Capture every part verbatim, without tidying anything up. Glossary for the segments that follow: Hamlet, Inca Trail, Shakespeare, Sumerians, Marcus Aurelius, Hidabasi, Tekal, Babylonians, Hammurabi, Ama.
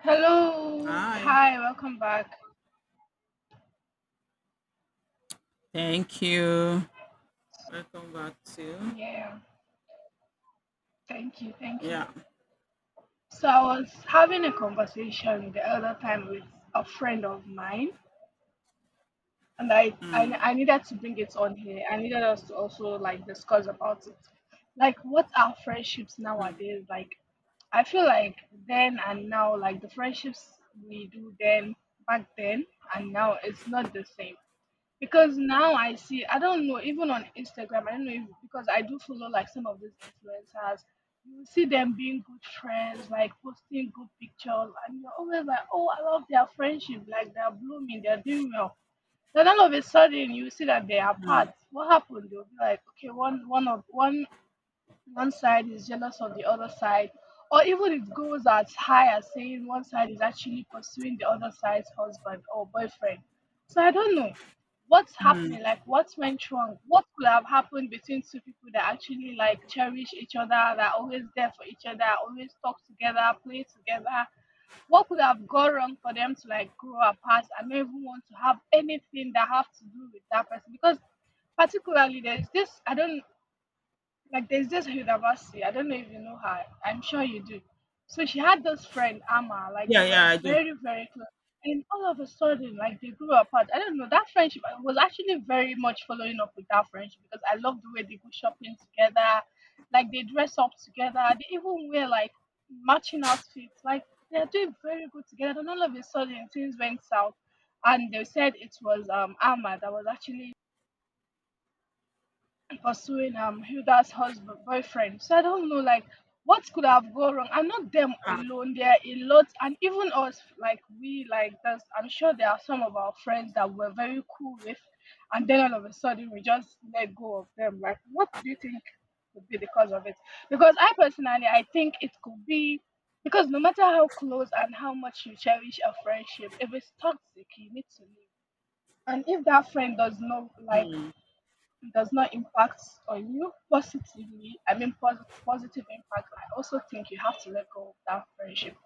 Hello. Hi, Hi, welcome back. thank you. Welcome back to Yeah, thank you, thank you. yeah. So I was having a conversation the other time with a friend of mine and I, I I needed to bring it on here. I needed us to also like discuss about it. Like what are friendships Mm, nowadays? Like I feel like then and now, like the friendships we do then back then and now it's not the same. Because now I see, I don't know, even on Instagram, I don't know if because I do follow like some of these influencers, you will see them being good friends, like posting good pictures, and you're always like, oh, I love their friendship, like they're blooming, they're doing well. Then all of a sudden, you see that they are apart. mm, What happened? They'll be like, okay, one one of one one side is jealous of the other side, or even it goes as high as saying one side is actually pursuing the other side's husband or boyfriend. So I don't know what's mm. happening, like what went wrong, what could have happened between two people that actually like cherish each other, that are always there for each other, always talk together, play together. What could have gone wrong for them to like grow apart and not even want to have anything that have to do with that person? Because particularly there's this I don't like there's this Hidabasi, I don't know if you know her. I'm sure you do. So she had this friend, Ama, like they Yeah, yeah, were I do. very, very close. And all of a sudden, like they grew apart. I don't know. That friendship I was actually very much following up with, that friendship, because I love the way they go shopping together. Like they dress up together. They even wear like matching outfits. Like they are doing very good together. And all of a sudden things went south. And they said it was um Ama that was actually pursuing um Hilda's husband boyfriend. So I don't know like what could have gone wrong. And not them Ah, alone. There are a lot and even us like we like there's, I'm sure there are some of our friends that we're very cool with and then all of a sudden we just let go of them. Like what do you think could be the cause of it? Because I personally I think it could be because no matter how close and how much you cherish a friendship, if it's toxic you need to leave. And if that friend does not like mm, it does not impact on you positively, I mean posit- positive impact, I also think you have to let go of that friendship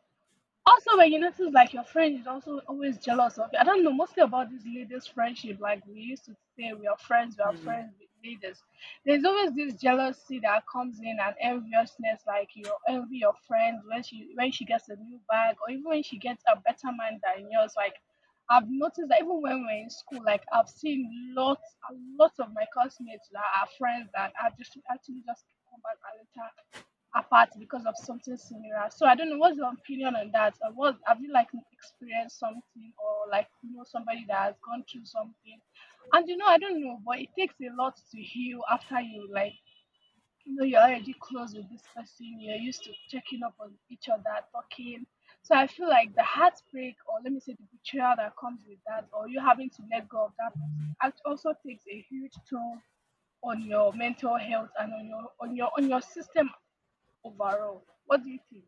also, when you notice like your friend is also always jealous of you. I don't know, mostly about this ladies' friendship. Like we used to say, we are friends, we are mm. friends with ladies. There's always this jealousy that comes in and enviousness. Like you envy your friend when she when she gets a new bag or even when she gets a better man than yours. Like I've noticed that even when we're in school, like I've seen lots, a lot of my classmates that are friends that are just actually just come back and later apart because of something similar. So I don't know what's your opinion on that. Or what have you, like, experienced something or like you know somebody that has gone through something? And you know I don't know, but it takes a lot to heal after you like you know you're already close with this person. You're used to checking up on each other, talking. So I feel like the heartbreak, or let me say the betrayal that comes with that, or you having to let go of that person, act- also takes a huge toll on your mental health and on your on your on your system overall. What do you think?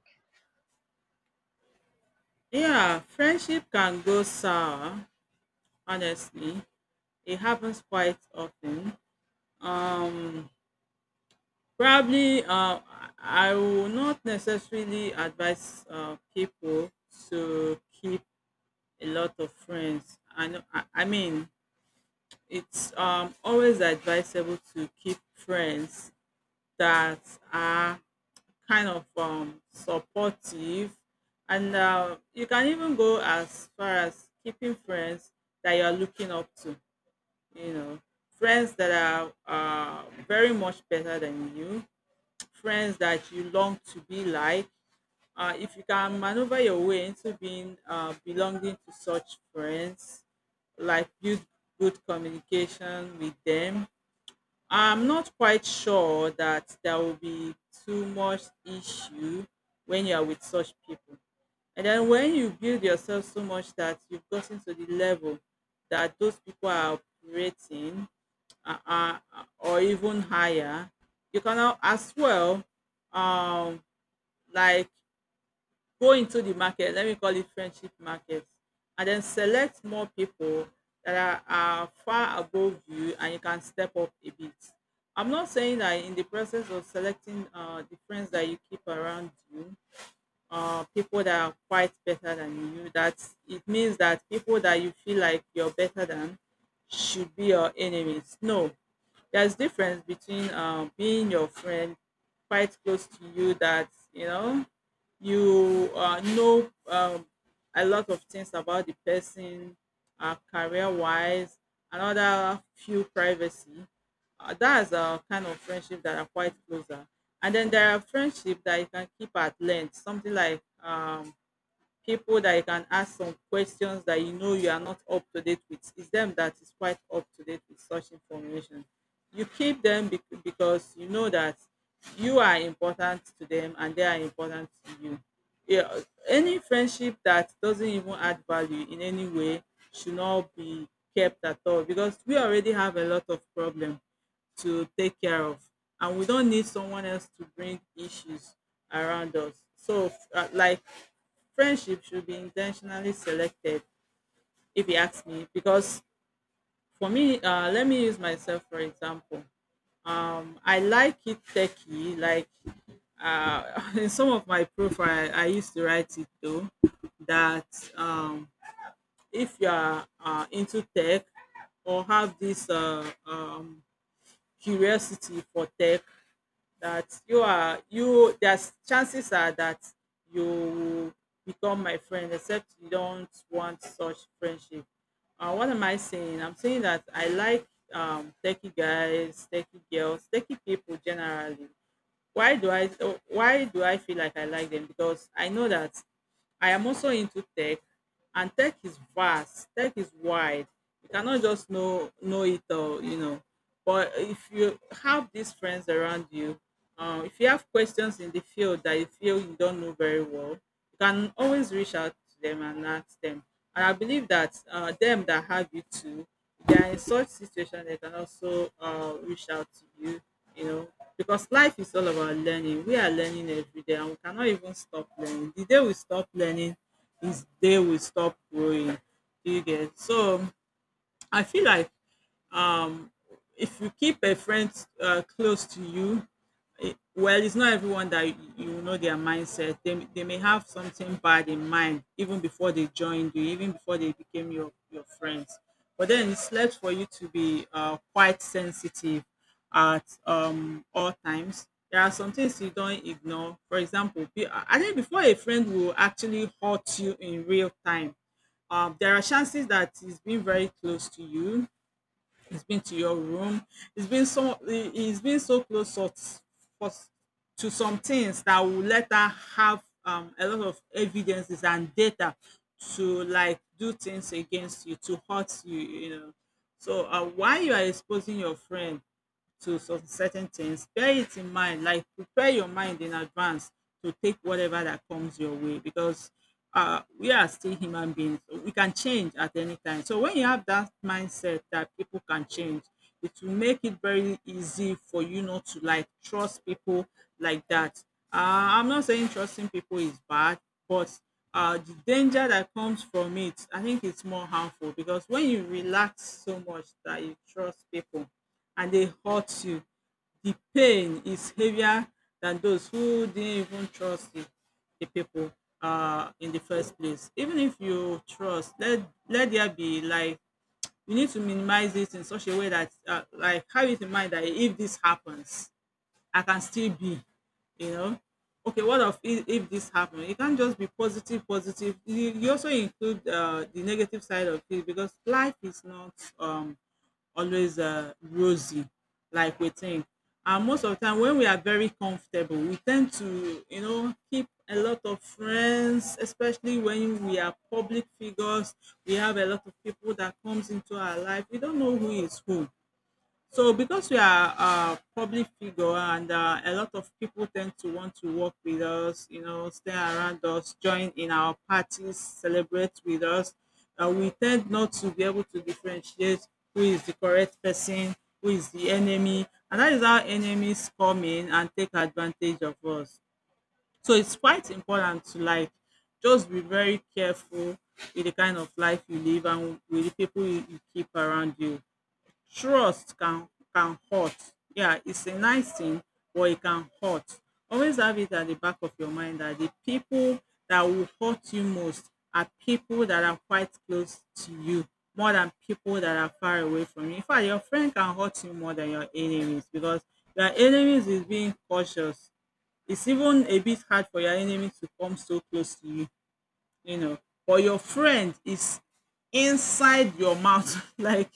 Yeah, friendship can go sour, honestly. It happens quite often. Um probably uh I I will not necessarily advise uh people to keep a lot of friends. I know I, I mean it's um always advisable to keep friends that are kind of um, supportive. And uh, you can even go as far as keeping friends that you are looking up to, you know, friends that are uh, very much better than you, friends that you long to be like. Uh, if you can maneuver your way into being uh, belonging to such friends, like build good communication with them. I'm not quite sure that there will be too much issue when you are with such people. And then when you build yourself so much that you've gotten to the level that those people are operating uh, uh, or even higher, you can al- as well, um, like go into the market, let me call it friendship market, and then select more people that are, are far above you and you can step up a bit. I'm not saying that in the process of selecting uh, the friends that you keep around you, uh, people that are quite better than you, that it means that people that you feel like you're better than should be your enemies. No, there's difference between uh, being your friend, quite close to you, that you know you uh, know um, a lot of things about the person, uh, career wise, another few privacy. Uh, that's a kind of friendship that are quite closer. And then there are friendship that you can keep at length, something like um, people that you can ask some questions that you know you are not up to date with. It's them that is quite up to date with such information. You keep them bec- because you know that you are important to them and they are important to you. Yeah, any friendship that doesn't even add value in any way should not be kept at all, because we already have a lot of problems to take care of and we don't need someone else to bring issues around us. So f- uh, like, friendship should be intentionally selected if you ask me, because for me, uh, let me use myself for example. um, I like it techie, like uh, in some of my profile I used to write it though, that um, if you are uh, into tech or have this uh, um, curiosity for tech, that you are you there's chances are that you will become my friend, except you don't want such friendship. Uh, what am I saying? I'm saying that I like um techie guys, techie girls, techie people generally. Why do I, why do I feel like I like them? Because I know that I am also into tech, and tech is vast, tech is wide. You cannot just know know it all, you know. But if you have these friends around you, uh, if you have questions in the field that you feel you don't know very well, you can always reach out to them and ask them. And I believe that uh, them that have you too, they are in such situation, they can also uh, reach out to you, you know, because life is all about learning. We are learning every day and we cannot even stop learning. The day we stop learning is the day we stop growing. Do you get? So I feel like um if you keep a friend uh, close to you. Eh, well, it's not everyone that you you know their mindset. They, they may have something bad in mind even before they joined you, even before they became your, your friends. But then it's left for you to be uh, quite sensitive at um, all times. There are some things you don't ignore. For example, be- I think before a friend will actually hurt you in real time, um, there are chances that he's been very close to you, he's been to your room, he's been so he- he's been so close to, for, to some things that will let her have um, a lot of evidences and data to like do things against you, to hurt you, you know. So uh, why you are exposing your friend to some certain things, bear it in mind, like prepare your mind in advance to take whatever that comes your way, because uh, we are still human beings. We can change at any time. So when you have that mindset that people can change, it will make it very easy for you not to like trust people like that. Uh, I'm not saying trusting people is bad, but uh, the danger that comes from it, I think it's more harmful, because when you relax so much that you trust people, and they hurt you, the pain is heavier than those who didn't even trust the, the people uh, in the first place. Even if you trust, let, let there be like, you need to minimize it in such a way that, uh, like, have it in mind that if this happens, I can still be, you know. Okay, what of if, if this happens? It can't just be positive, positive. You, you also include uh, the negative side of it, because life is not um, always uh, rosy like we think. And most of the time when we are very comfortable, we tend to, you know, keep a lot of friends, especially when we are public figures. We have a lot of people that comes into our life. We don't know who is who. So because we are a public figure, and uh, a lot of people tend to want to work with us, you know, stay around us, join in our parties, celebrate with us, uh, we tend not to be able to differentiate who is the correct person, who is the enemy, and that is how enemies come in and take advantage of us. So it's quite important to like just be very careful with the kind of life you live and with the people you, you keep around you. Trust can can hurt. Yeah, it's a nice thing, but it can hurt. Always have it at the back of your mind that the people that will hurt you most are people that are quite close to you, more than people that are far away from you. In fact, your friend can hurt you more than your enemies, because your enemies is being cautious. It's even a bit hard for your enemy to come so close to you, you know. But your friend is inside your mouth, like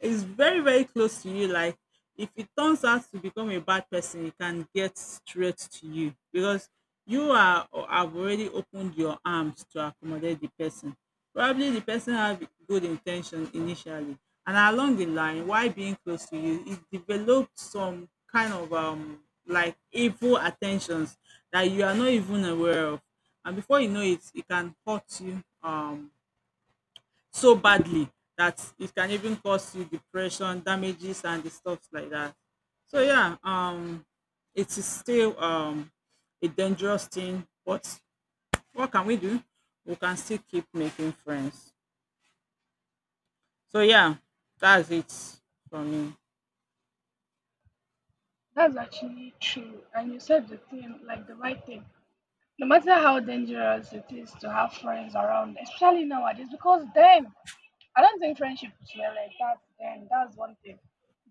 it's very very close to you, like if it turns out to become a bad person, it can get straight to you, because you are, or have already opened your arms to accommodate the person. Probably the person have good intention initially, and along the line while being close to you, it developed some kind of um like evil attentions that you are not even aware of, and before you know it, it can hurt you um so badly that it can even cause you depression, damages, and the stuff like that. So yeah, um, it is still um, a dangerous thing, but what can we do? We can still keep making friends. So yeah, that's it for me. That's actually true. And you said the thing, like the right thing. No matter how dangerous it is to have friends around, especially nowadays, because then I don't think friendships were like that then. That's one thing.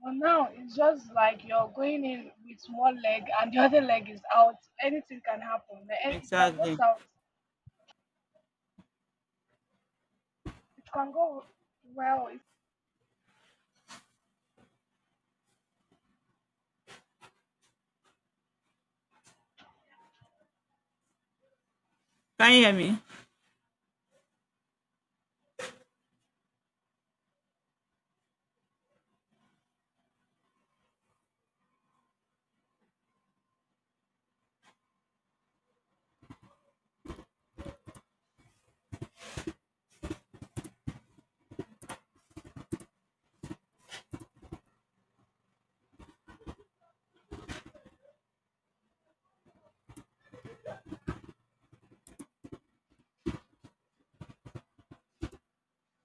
But now it's just like you're going in with one leg and the other leg is out. Anything can happen. Like, eh, it can go Exactly. south. It can go well. Can you hear me?